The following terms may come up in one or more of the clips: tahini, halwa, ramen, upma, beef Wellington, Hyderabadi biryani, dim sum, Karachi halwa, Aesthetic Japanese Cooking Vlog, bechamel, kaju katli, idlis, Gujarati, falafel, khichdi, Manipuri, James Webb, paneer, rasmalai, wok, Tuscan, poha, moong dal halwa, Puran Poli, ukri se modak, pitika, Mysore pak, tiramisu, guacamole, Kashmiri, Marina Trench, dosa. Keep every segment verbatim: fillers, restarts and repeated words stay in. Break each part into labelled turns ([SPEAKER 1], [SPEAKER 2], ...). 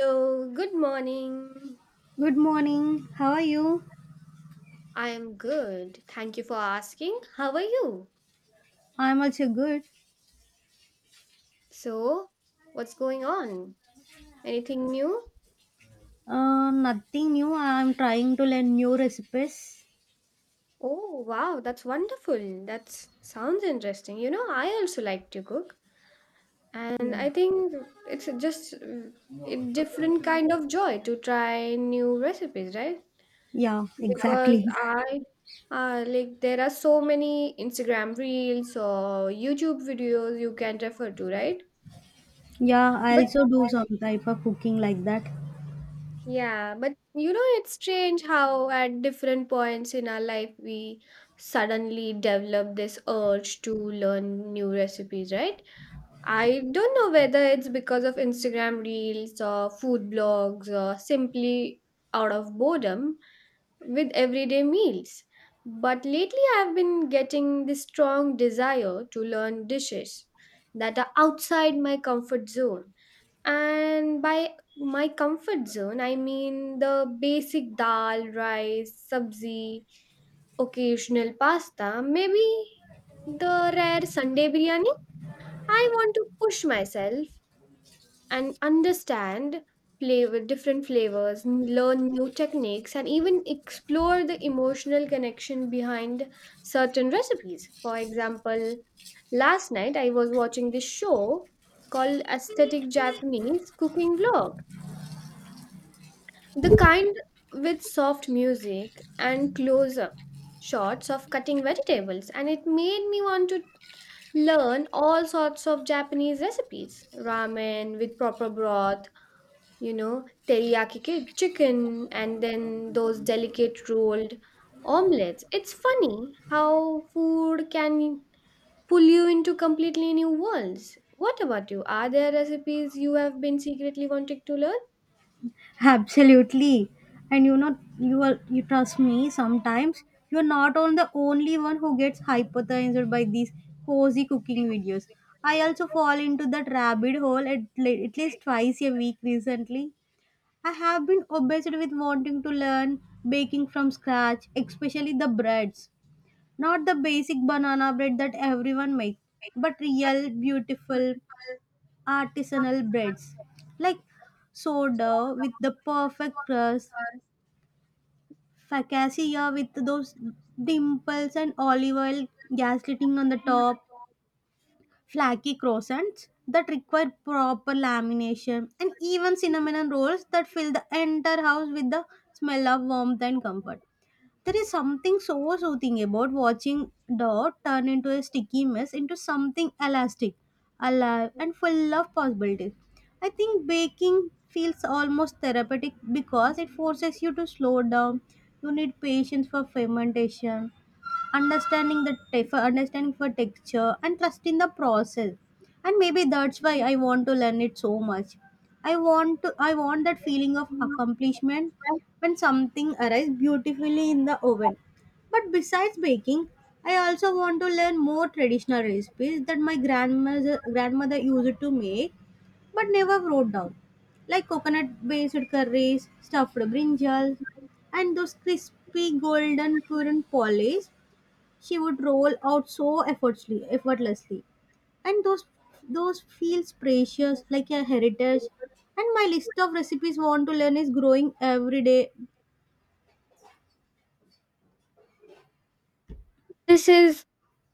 [SPEAKER 1] So good morning.
[SPEAKER 2] Good morning. How are you?
[SPEAKER 1] I am good. Thank you for asking. How are you?
[SPEAKER 2] I'm also good.
[SPEAKER 1] So, what's going on? Anything new?
[SPEAKER 2] Uh, nothing new. I'm trying to learn new recipes.
[SPEAKER 1] Oh, wow, that's wonderful. That s- sounds interesting. You know, I also like to cook, and
[SPEAKER 2] Yeah.
[SPEAKER 1] I think it's just uh, a different kind of joy to try new recipes, right?
[SPEAKER 2] Yeah,
[SPEAKER 1] Yeah, because
[SPEAKER 2] exactly.
[SPEAKER 1] exactly. I uh, like there are so many Instagram reels or YouTube videos you can refer to, right?
[SPEAKER 2] Yeah, I
[SPEAKER 1] But
[SPEAKER 2] also do some
[SPEAKER 1] Yeah,
[SPEAKER 2] type of cooking like that.
[SPEAKER 1] Yeah, but you know, it's strange how at different points in our life we suddenly develop this urge to learn new recipes, right? I don't know whether it's because of Instagram reels or food blogs or simply out of boredom with everyday meals. But lately, I've been getting this strong desire to learn dishes that are outside my comfort zone, and by my comfort zone, I mean the basic dal, rice, sabzi, occasional pasta, maybe the rare Sunday biryani. I want to push myself and understand flavor, different flavors, n- learn new techniques, and even explore the emotional connection behind certain recipes. For example, last night I was watching this show called Aesthetic Japanese Cooking Vlog. The kind with soft music and close up shots of cutting vegetables, and it made me want to learn all sorts of Japanese recipes: ramen with proper broth, you know, teriyaki ki- chicken, and then those delicate rolled omelets. It's funny how food can pull you into completely new worlds. What about you? Are there recipes you have been secretly wanting to learn?
[SPEAKER 2] Absolutely. And you know, you are you trust me. Sometimes you're not on the only one who gets hypnotized by these cozy cooking videos. I also fall into that rabbit hole at, le- at least twice a week recently. I have been obsessed with wanting to learn baking from scratch, especially the breads. Not the basic banana bread that everyone makes, but real, beautiful, artisanal breads. Like sourdough with the perfect crust, focaccia with those dimples, and olive oil gaslighting on the top. Flaky croissants that require proper lamination, and even cinnamon rolls that fill the entire house with the smell of warmth and comfort. There is something so soothing about watching dough turn into a sticky mess into something elastic, alive, and full of possibilities. I think baking feels almost therapeutic because it forces you to slow down. You need patience for fermentation, understanding the tef- understanding for texture, and trust in the process. And maybe that's why I want to learn it so much. I want to i want that feeling of accomplishment when something arrives beautifully in the oven. But besides baking, I also want to learn more traditional recipes that my grandmother grandmother used to make but never wrote down, like coconut based curries, stuffed brinjals, and those crispy golden puran polish she would roll out so effortlessly, effortlessly. And those those feels precious like a heritage. And my list of recipes want to learn is growing every day.
[SPEAKER 1] This is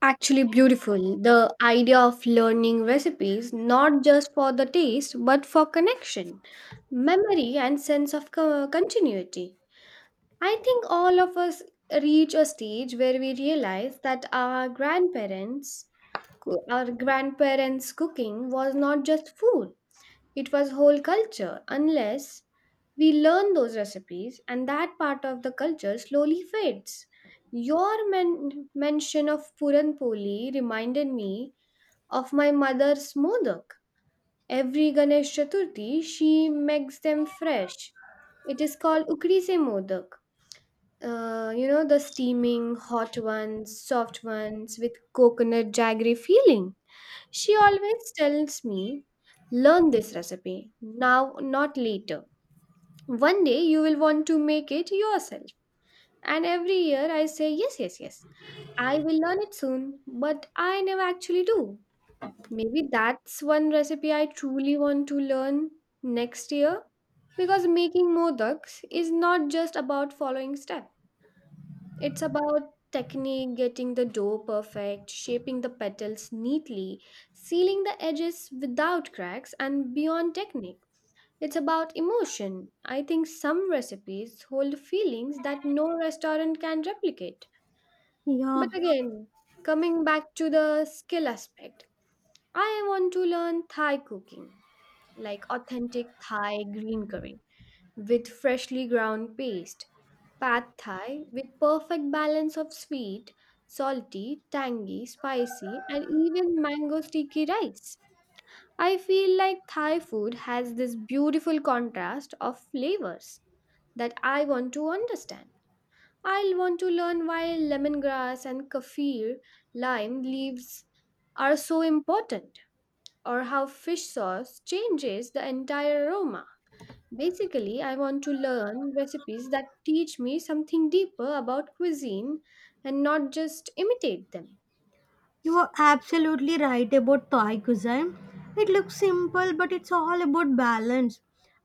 [SPEAKER 1] actually beautiful. The idea of learning recipes not just for the taste but for connection, memory, and sense of co- continuity. I think all of us reach a stage where we realize that our grandparents, coo- our grandparents' cooking was not just food. It was whole culture unless we learn those recipes and that part of the culture slowly fades. Your men- mention of Puran Poli reminded me of my mother's modak. Every Ganesh Chaturthi, she makes them fresh. It is called ukri se modak. Uh, you know, the steaming, hot ones, soft ones with coconut jaggery feeling. She always tells me, learn this recipe now, not later. One day you will want to make it yourself. And every year I say, yes, yes, yes, I will learn it soon, but I never actually do. Maybe that's one recipe I truly want to learn next year because making modaks is not just about following steps. It's about technique, getting the dough perfect, shaping the petals neatly, sealing the edges without cracks, and beyond technique. It's about emotion. I think some recipes hold feelings that no restaurant can replicate.
[SPEAKER 2] Yeah,
[SPEAKER 1] But again, coming back to the skill aspect, I want to learn Thai cooking, like authentic Thai green curry with freshly ground paste, Pad Thai with perfect balance of sweet, salty, tangy, spicy, and even mango sticky rice. I feel like Thai food has this beautiful contrast of flavors that I want to understand. I'll want to learn why lemongrass and kaffir lime leaves are so important, or how fish sauce changes the entire aroma. Basically, I want to learn recipes that teach me something deeper about cuisine and not just imitate them.
[SPEAKER 2] you are absolutely right about Thai cuisine. It looks simple, but it's all about balance.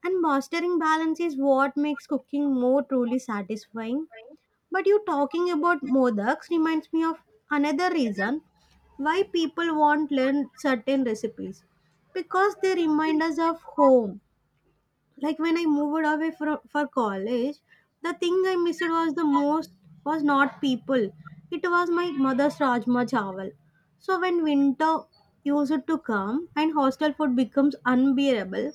[SPEAKER 2] And mastering balance is what makes cooking more truly satisfying. But you talking about modaks reminds me of another reason why people want learn certain recipes, because they remind us of home. Like when I moved away for, for college, the thing I missed was the most was not people. It was my mother's rajma chawal. So when winter used to come and hostel food becomes unbearable,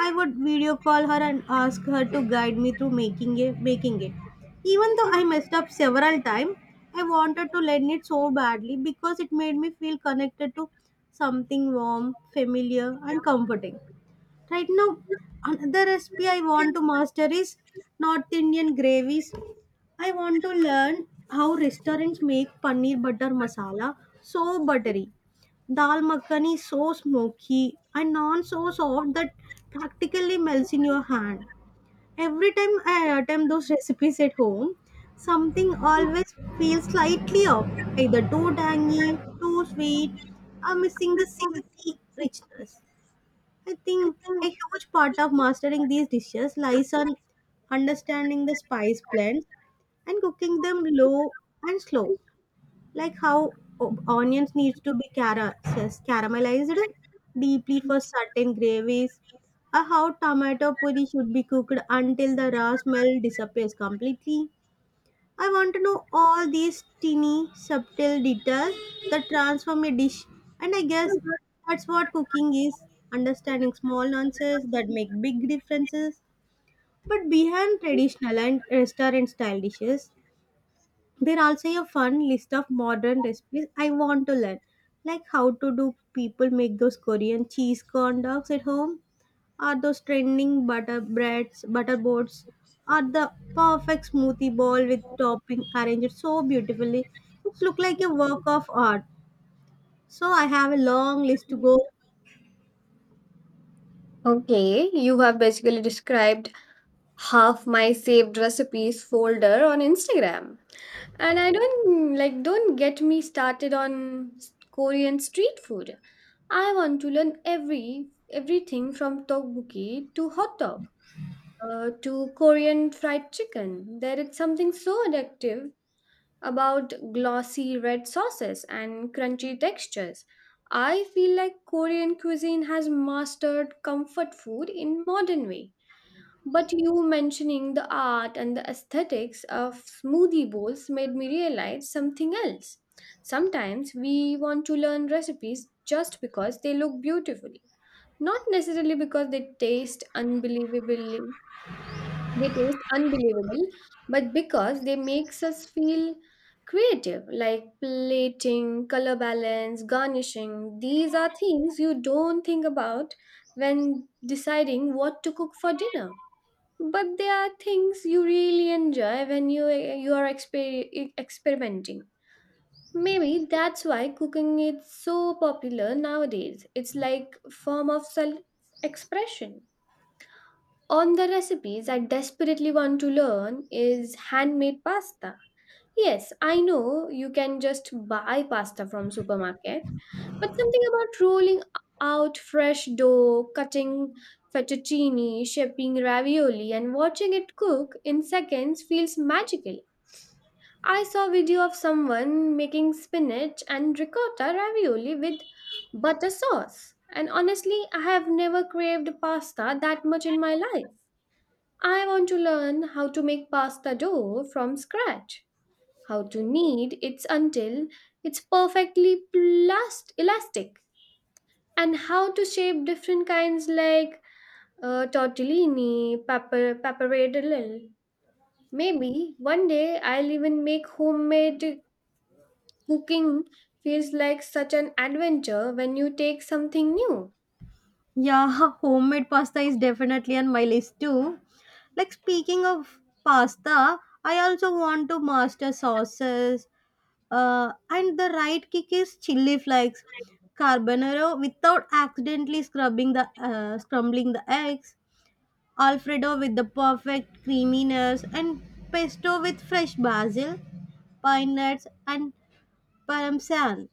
[SPEAKER 2] I would video call her and ask her to guide me through making it, making it. Even though I messed up several times, I wanted to learn it so badly because it made me feel connected to something warm, familiar, and comforting. Right now, another recipe I want to master is North Indian gravies. I want to learn how restaurants make paneer butter masala so buttery. Dal makhani so smoky and naan so soft that practically melts in your hand. Every time I attempt those recipes at home, something always feels slightly off, either too tangy, too sweet, or missing the silky richness. I think a huge part of mastering these dishes lies on understanding the spice blends and cooking them low and slow, like how o- onions needs to be cara- says caramelized deeply for certain gravies, or how tomato puree should be cooked until the raw smell disappears completely. I want to know all these teeny, subtle details that transform a dish. And I guess that's what cooking is, understanding small nuances that make big differences. But behind traditional and restaurant style dishes, there also a fun list of modern recipes I want to learn, like how to do people make those Korean cheese corn dogs at home, are those trending butter breads, butter boards, are the perfect smoothie bowl with topping arranged so beautifully. It look like a work of art. So I have a long list to go.
[SPEAKER 1] Okay, you have basically described half my saved recipes folder on Instagram. And I don't like, don't get me started on s- Korean street food. I want to learn every everything from tteokbokki to hot dog, uh, to Korean fried chicken. There is something so addictive about glossy red sauces and crunchy textures. I feel like Korean cuisine has mastered comfort food in modern way. But you mentioning the art and the aesthetics of smoothie bowls made me realize something else. Sometimes we want to learn recipes just because they look beautifully, not necessarily because they taste unbelievably they taste unbelievable, but because they makes us feel creative, like plating, color balance, garnishing. These are things you don't think about when deciding what to cook for dinner. But they are things you really enjoy when you you are exper- experimenting. Maybe that's why cooking is so popular nowadays. It's like form of self expression. On the recipes I desperately want to learn is handmade pasta. Yes, I know you can just buy pasta from supermarket, but something about rolling out fresh dough, cutting fettuccine, shaping ravioli and watching it cook in seconds feels magical. I saw a video of someone making spinach and ricotta ravioli with butter sauce, and honestly, I have never craved pasta that much in my life. I want to learn how to make pasta dough from scratch, how to knead it until it's perfectly plast- elastic, and how to shape different kinds like uh, tortellini, pepper, pappardelle. Maybe one day I'll even make homemade cooking feels like such an adventure when you take something new.
[SPEAKER 2] Yeah, homemade pasta is definitely on my list too. Like speaking of pasta, I also want to master sauces. Uh, and the right kick is chili flakes, carbonara without accidentally scrubbing the uh, scrambling the eggs. Alfredo with the perfect creaminess, and pesto with fresh basil, pine nuts, and parmesan.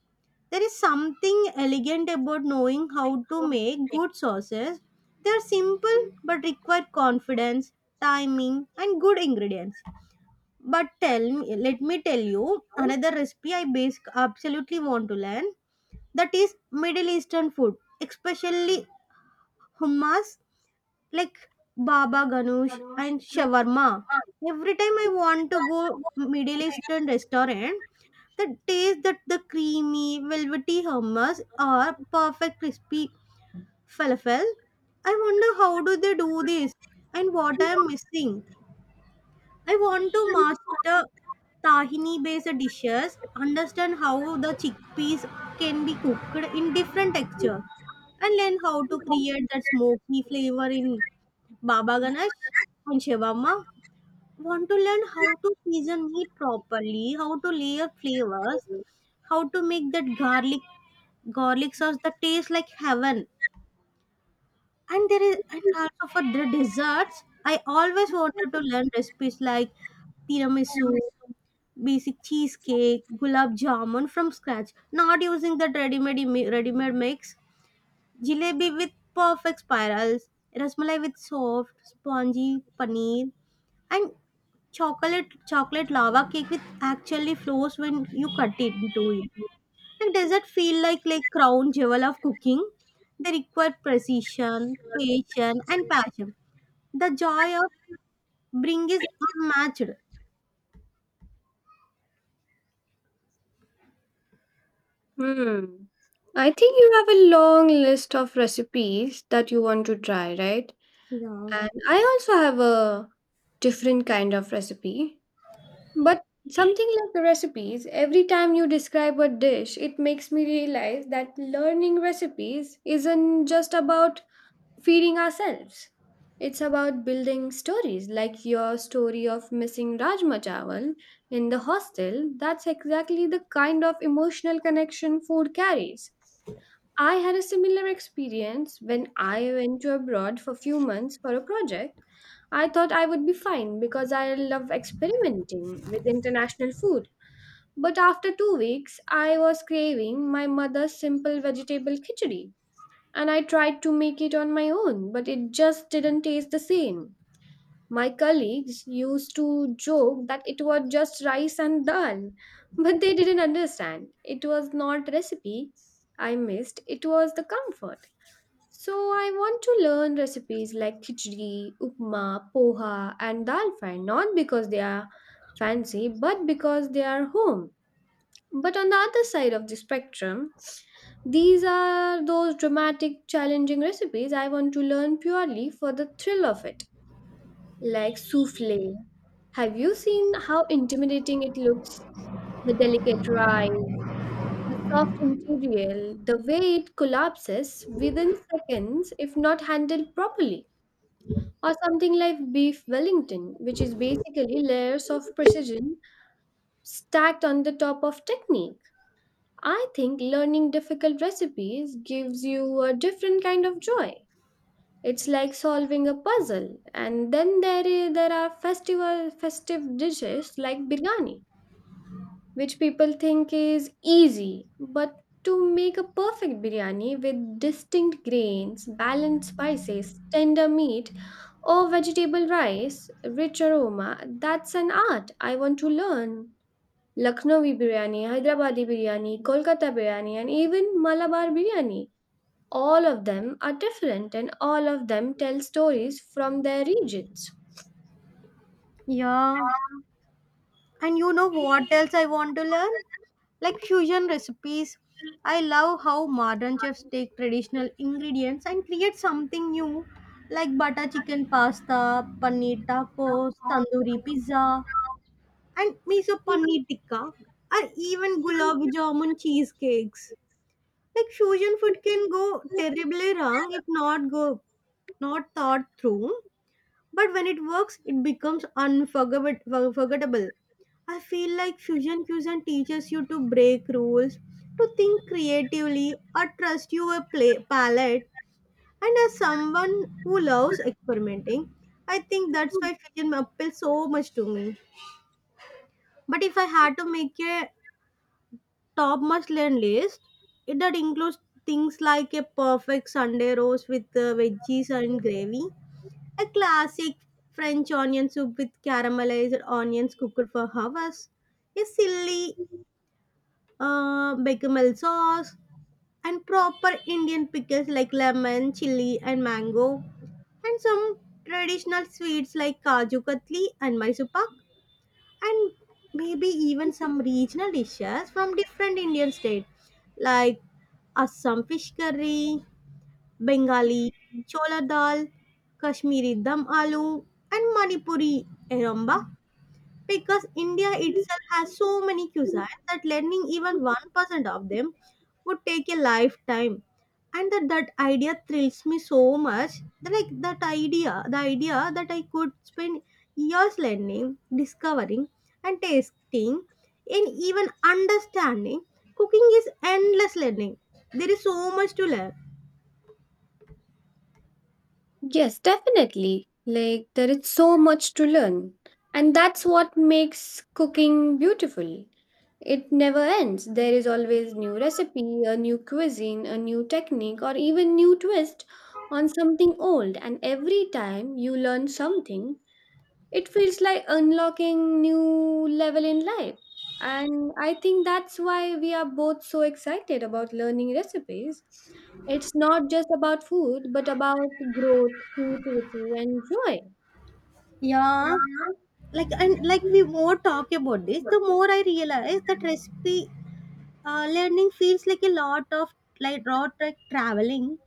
[SPEAKER 2] There is something elegant about knowing how to make good sauces. They are simple but require confidence, timing, and good ingredients. But tell me, let me tell you another recipe I basic absolutely want to learn. That is Middle Eastern food, especially hummus like Baba Ganoush and shawarma. Every time I want to go Middle Eastern restaurant, the taste that the creamy, velvety hummus or perfect crispy falafel. I wonder how do they do this and what I am missing. I want to master tahini based dishes, understand how the chickpeas can be cooked in different texture, and learn how to create that smoky flavor in Baba Ganesh and Shivamma. Want to learn how to season meat properly, how to layer flavors, how to make that garlic garlic sauce that tastes like heaven. And there is, and also for the desserts, I always wanted to learn recipes like tiramisu, basic cheesecake, gulab jamun from scratch, not using that ready-made ready-made mix, jalebi with perfect spirals, rasmalai with soft, spongy paneer, and chocolate chocolate lava cake with actually flows when you cut it into it. Like, does that feel like like crown jewel of cooking? They require precision, patience, and passion. The joy of bring is unmatched.
[SPEAKER 1] Hmm. I think you have a long list of recipes that you want to try, right?
[SPEAKER 2] Yeah.
[SPEAKER 1] And I also have a different kind of recipe. But something like the recipes, every time you describe a dish, it makes me realize that learning recipes isn't just about feeding ourselves. It's about building stories, like your story of missing Rajma Chawal in the hostel. That's exactly the kind of emotional connection food carries. I had a similar experience when I went to abroad for few months for a project. I thought I would be fine because I love experimenting with international food. But after two weeks, I was craving my mother's simple vegetable khichdi. And I tried to make it on my own, but it just didn't taste the same. My colleagues used to joke that it was just rice and dal, but they didn't understand. It was not recipe I missed, it was the comfort. So I want to learn recipes like khichdi, upma, poha, and dal fry, not because they are fancy, but because they are home. But on the other side of the spectrum, these are those dramatic, challenging recipes I want to learn purely for the thrill of it, like souffle. Have you seen how intimidating it looks? The delicate rice, the soft interior, the way it collapses within seconds if not handled properly. Or something like beef Wellington, which is basically layers of precision stacked on the top of technique. I think learning difficult recipes gives you a different kind of joy. It's like solving a puzzle. And then there, is, there are festival, festive dishes like biryani which people think is easy. But to make a perfect biryani with distinct grains, balanced spices, tender meat, or vegetable rice, rich aroma, that's an art I want to learn. Lucknowi biryani, Hyderabadi biryani, Kolkata biryani, and even Malabar biryani. All of them are different and all of them tell stories from their regions.
[SPEAKER 2] Yeah. And you know what else I want to learn? Like fusion recipes. I love how modern chefs take traditional ingredients and create something new, like butter chicken pasta, paneer tacos, tandoori pizza, and miso paneer tikka, or even gulab jamun cheesecakes. Like fusion food can go terribly wrong if not go not thought through. But when it works, it becomes unforgettable. Forgettable. I feel like fusion fusion teaches you to break rules, to think creatively, or trust your play- palette. And as someone who loves experimenting, I think that's why fusion appeals so much to me. But if I had to make a top must learn list, it that includes things like a perfect Sunday roast with uh, veggies and gravy, a classic French onion soup with caramelized onions cooked for hours, a silly uh, bechamel sauce, and proper Indian pickles like lemon, chili, and mango, and some traditional sweets like kaju katli and Mysore pak, and maybe even some regional dishes from different Indian states like Assam fish curry, Bengali Chola Dal, Kashmiri Dum Aloo, and Manipuri Eromba. Because India itself has so many cuisines that learning even one percent of them would take a lifetime. And that, that idea thrills me so much. Like that idea, the idea that I could spend years learning, discovering, and tasting, and even understanding. Cooking is endless learning. There is so much to learn.
[SPEAKER 1] Yes, definitely. Like, there is so much to learn. And that's what makes cooking beautiful. It never ends. There is always new recipe, a new cuisine, a new technique, or even new twist on something old. And every time you learn something it feels like unlocking new level in life. And I think that's why we are both so excited about learning recipes. It's not just about food but about growth, creativity, and joy.
[SPEAKER 2] Yeah. Like and like we more talk about this, the more I realize that recipe uh, learning feels like a lot of, like road like traveling,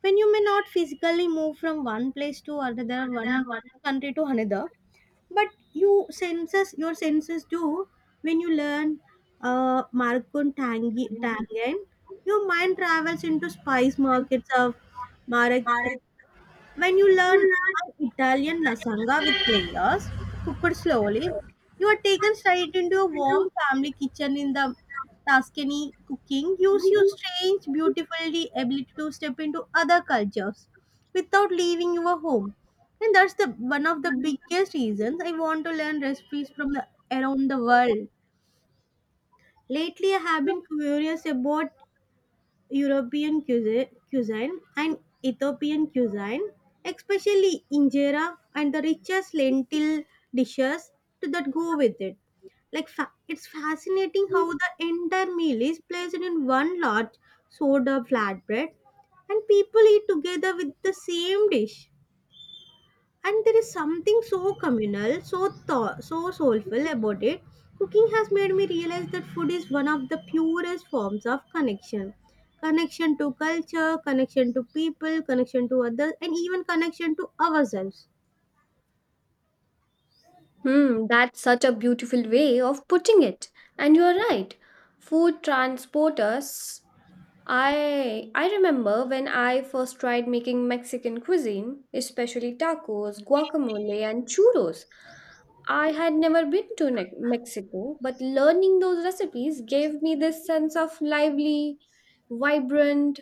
[SPEAKER 2] when you may not physically move from one place to another, one country to another, but you senses your senses do. When you learn uh, Markun Tangi Tangen, your mind travels into spice markets of Marek. When you learn an Italian lasagna with players, cooked slowly, you are taken straight into a warm family kitchen in the Tuscany. Cooking gives you strange, beautifully ability to step into other cultures without leaving your home. And that's the one of the biggest reasons I want to learn recipes from the, around the world. Lately, I have been curious about European cuisine, cuisine and Ethiopian cuisine, especially injera and the richest lentil dishes to that go with it. Like fa- it's fascinating how the entire meal is placed in one large soda flatbread, and people eat together with the same dish. And there is something so communal, so thought, so soulful about it. Cooking has made me realize that food is one of the purest forms of connection, connection to culture, connection to people, connection to others, and even connection to ourselves.
[SPEAKER 1] Hmm, that's such a beautiful way of putting it. And you're right, food transport us. I i remember when I first tried making Mexican cuisine, especially tacos, guacamole, and churros. I had never been to Ne- Mexico, but learning those recipes gave me this sense of lively, vibrant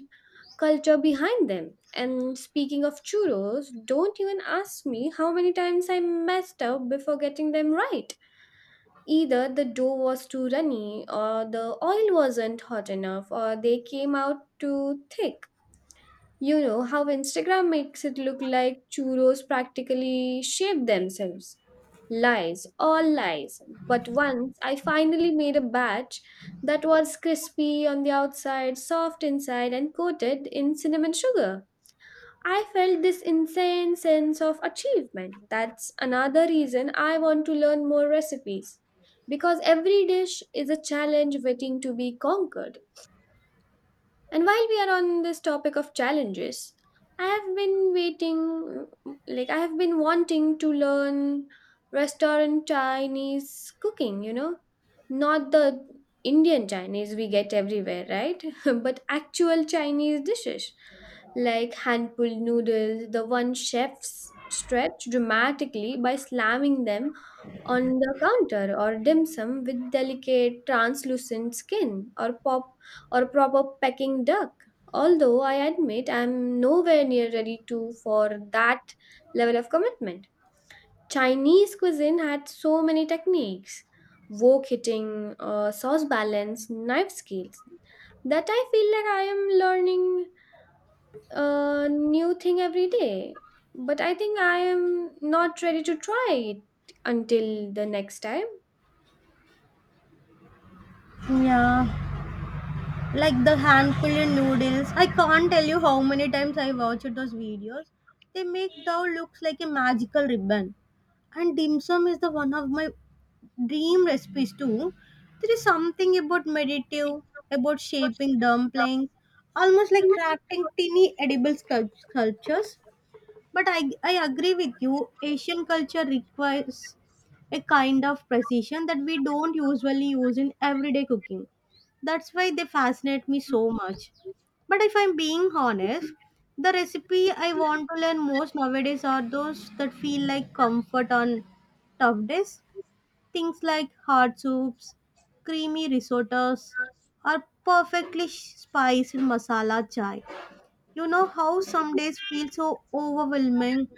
[SPEAKER 1] culture behind them. And speaking of churros, don't even ask me how many times I messed up before getting them right. Either the dough was too runny, or the oil wasn't hot enough, or they came out too thick. You know how Instagram makes it look like churros practically shape themselves. Lies, all lies. But once I finally made a batch that was crispy on the outside, soft inside, and coated in cinnamon sugar, I felt this insane sense of achievement. That's another reason I want to learn more recipes because every dish is a challenge waiting to be conquered. And while we are on this topic of challenges, I have been waiting, like, I have been wanting to learn restaurant Chinese cooking, you know, not the Indian Chinese we get everywhere, right? But actual Chinese dishes like hand pulled noodles, the one chefs stretch dramatically by slamming them on the counter, or dim sum with delicate translucent skin, or pop or proper pecking duck. Although I admit I'm nowhere near ready to for that level of commitment. Chinese cuisine had so many techniques, wok hitting, uh, sauce balance, knife skills that I feel like I am learning a new thing every day. But I think I am not ready to try it until the next time.
[SPEAKER 2] Yeah, like the handful in noodles. I can't tell you how many times I watched those videos. They make dough looks like a magical ribbon. And dim sum is the one of my dream recipes too. There is something about meditative, about shaping dumplings, almost like crafting tiny edible sculp- sculptures. But I, I agree with you, Asian culture requires a kind of precision that we don't usually use in everyday cooking. That's why they fascinate me so much. But if I'm being honest, the recipe I want to learn most nowadays are those that feel like comfort on tough days. Things like hard soups, creamy risottos, or perfectly spiced masala chai. You know how some days feel so overwhelming?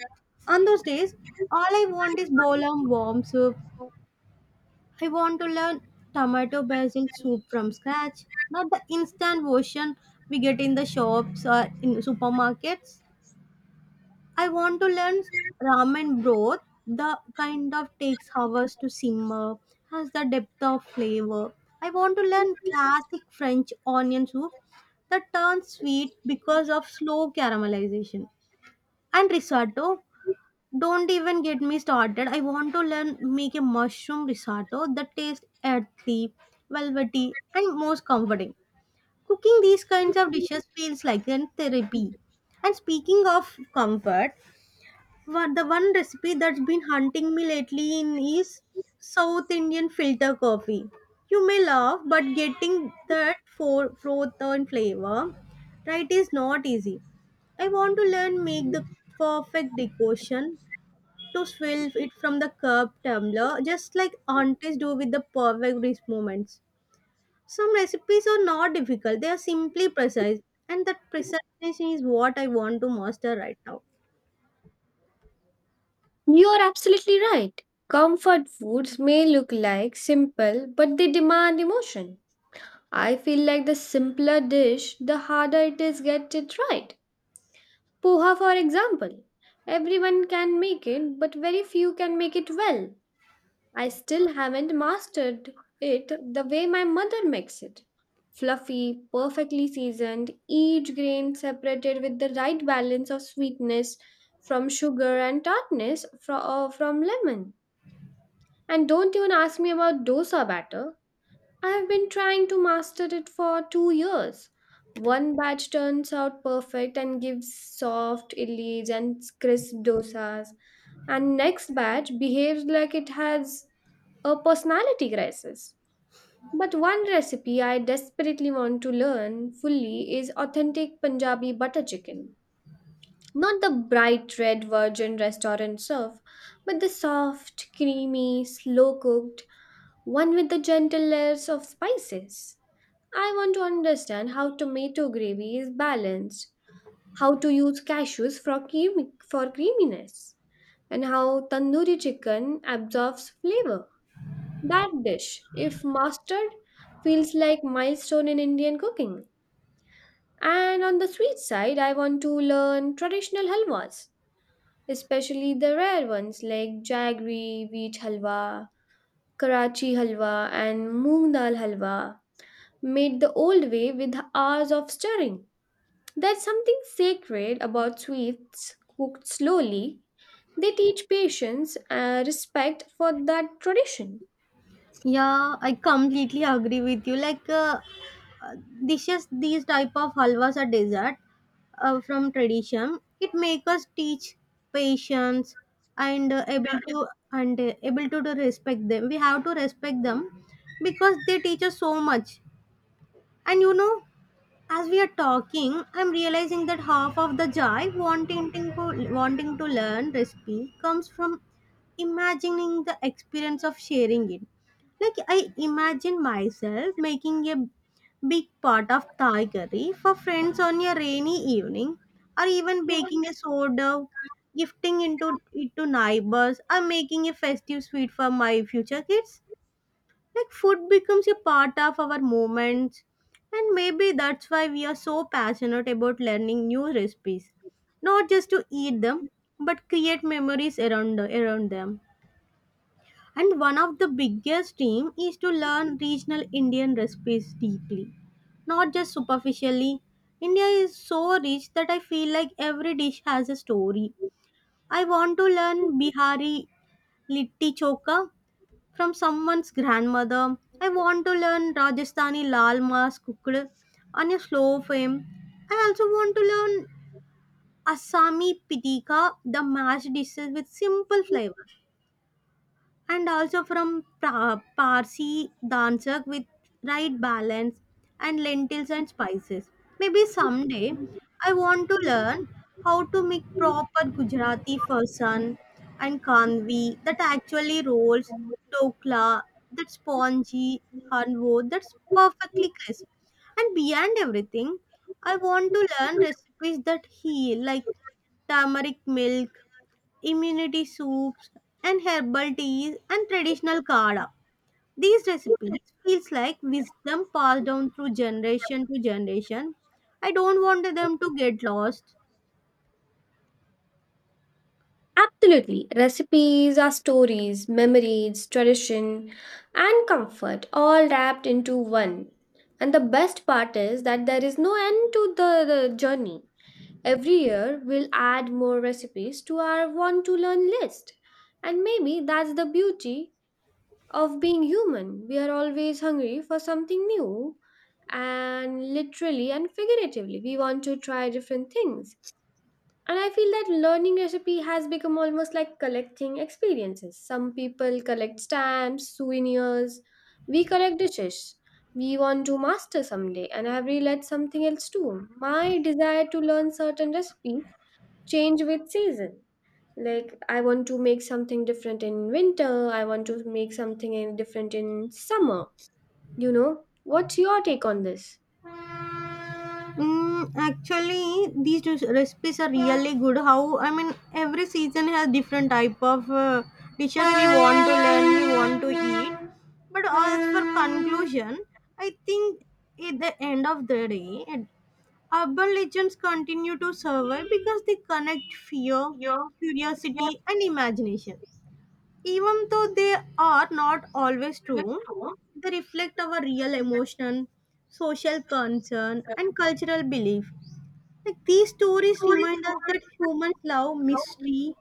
[SPEAKER 2] On those days, all I want is bowl of warm soup. I want to learn tomato basil soup from scratch, not the instant version we get in the shops or in supermarkets. I want to learn ramen broth. The kind of takes hours to simmer, has the depth of flavor. I want to learn classic French onion soup that turns sweet because of slow caramelization. And risotto, don't even get me started. I want to learn make a mushroom risotto that tastes earthy, velvety, and most comforting. Cooking these kinds of dishes feels like a therapy. And speaking of comfort, what the one recipe that's been hunting me lately in is South Indian filter coffee. You may laugh, but getting that for froth and flavor right is not easy. I want to learn make the perfect decoction to swill it from the cup tumbler, just like aunties do with the perfect wrist movements. Some recipes are not difficult; they are simply precise, and that precision is what I want to master right now.
[SPEAKER 1] You are absolutely right. Comfort foods may look like simple, but they demand emotion. I feel like the simpler dish, the harder it is get it right. Poha, for example. Everyone can make it, but very few can make it well. I still haven't mastered it the way my mother makes it. Fluffy, perfectly seasoned, each grain separated with the right balance of sweetness from sugar and tartness fro- uh, from lemon. And don't even ask me about dosa batter. I've been trying to master it for two years. One batch turns out perfect and gives soft idlis and crisp dosas, and next batch behaves like it has a personality crisis. But one recipe I desperately want to learn fully is authentic Punjabi butter chicken. Not the bright red virgin restaurant serve, but the soft, creamy, slow cooked one with the gentle layers of spices. I want to understand how tomato gravy is balanced, how to use cashews for, cream, for creaminess, and how tandoori chicken absorbs flavor. That dish, if mastered, feels like milestone in Indian cooking. And on the sweet side, I want to learn traditional halwas, especially the rare ones like jaggery, wheat halwa, Karachi halwa, and moong dal halwa, made the old way with hours of stirring. There's something sacred about sweets cooked slowly. They teach patience and respect for that tradition.
[SPEAKER 2] Yeah, I completely agree with you. Like uh, uh, dishes, these type of halwas are dessert uh, from tradition. It make us teach patience and uh, able to and uh, able to, to respect them. We have to respect them because they teach us so much. And you know, as we are talking I'm realizing that half of the joy wanting to wanting to learn recipe comes from imagining the experience of sharing it. Like I imagine myself making a big pot of Thai curry for friends on a rainy evening, or even baking a sourdough, gifting into it to neighbors, or making a festive sweet for my future kids. Like food becomes a part of our moments, and maybe that's why we are so passionate about learning new recipes, not just to eat them, but create memories around around them. And one of the biggest dream is to learn regional Indian recipes deeply, not just superficially. India is so rich that I feel like every dish has a story. I want to learn Bihari litti chokha from someone's grandmother. I want to learn Rajasthani lal mas cooked on a slow flame. I also want to learn Assami pitika, the mashed dishes with simple flavor, and also from pra- Parsi dancer with right balance and lentils and spices. Maybe someday I want to learn how to make proper Gujarati fasan and kanvi that actually rolls, dokla that spongy, halwo that's perfectly crisp. And beyond everything, I want to learn recipes that heal, like turmeric milk, immunity soups, and herbal teas, and traditional kala. These recipes feels like wisdom passed down through generation to generation. I don't want them to get lost.
[SPEAKER 1] Absolutely. Recipes are stories, memories, tradition, and comfort all wrapped into one. And the best part is that there is no end to the, the journey. Every year, we'll add more recipes to our want to learn list. And maybe that's the beauty of being human. We are always hungry for something new. And literally and figuratively, we want to try different things. And I feel that learning recipe has become almost like collecting experiences. Some people collect stamps, souvenirs, we collect dishes. We want to master someday, and I have realized something else too. My desire to learn certain recipes change with season. Like, I want to make something different in winter, I want to make something in- different in summer. You know, what's your take on this?
[SPEAKER 2] Mm, actually, these res- recipes are really good. How I mean, every season has different type of uh, dishes we want to learn, we want to eat. But as for conclusion, I think at the end of the day, at— urban legends continue to survive because they connect fear, curiosity, and imagination. Even though they are not always true, they reflect our real emotion, social concern, and cultural belief. Like these stories remind us that humans love mystery,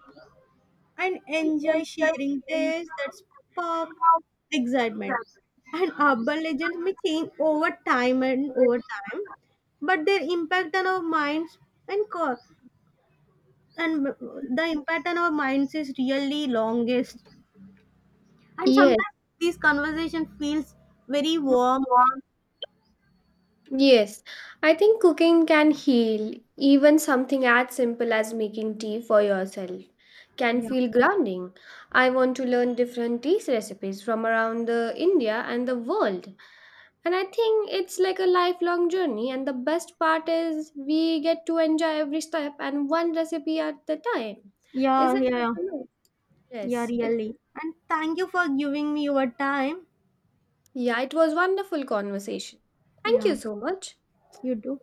[SPEAKER 2] and enjoy sharing tales that spark excitement. And urban legends may change over time and over time, but their impact on our minds and co- and the impact on our minds is really longest. And sometimes
[SPEAKER 1] Yes.
[SPEAKER 2] these conversation feels very warm.
[SPEAKER 1] Yes, I think cooking can heal. Even something as simple as making tea for yourself can
[SPEAKER 2] Yeah,
[SPEAKER 1] feel grounding. I want to learn different tea recipes from around the India and the world. And I think it's like a lifelong journey and the best part is we get to enjoy every step and one recipe at the time.
[SPEAKER 2] yeah,
[SPEAKER 1] Isn't that
[SPEAKER 2] yeah,
[SPEAKER 1] amazing?
[SPEAKER 2] yeah,
[SPEAKER 1] Yes. It's,
[SPEAKER 2] really. And thank you for giving me your time.
[SPEAKER 1] yeah, it was wonderful conversation. Thank
[SPEAKER 2] Yeah,
[SPEAKER 1] you so much.
[SPEAKER 2] you do.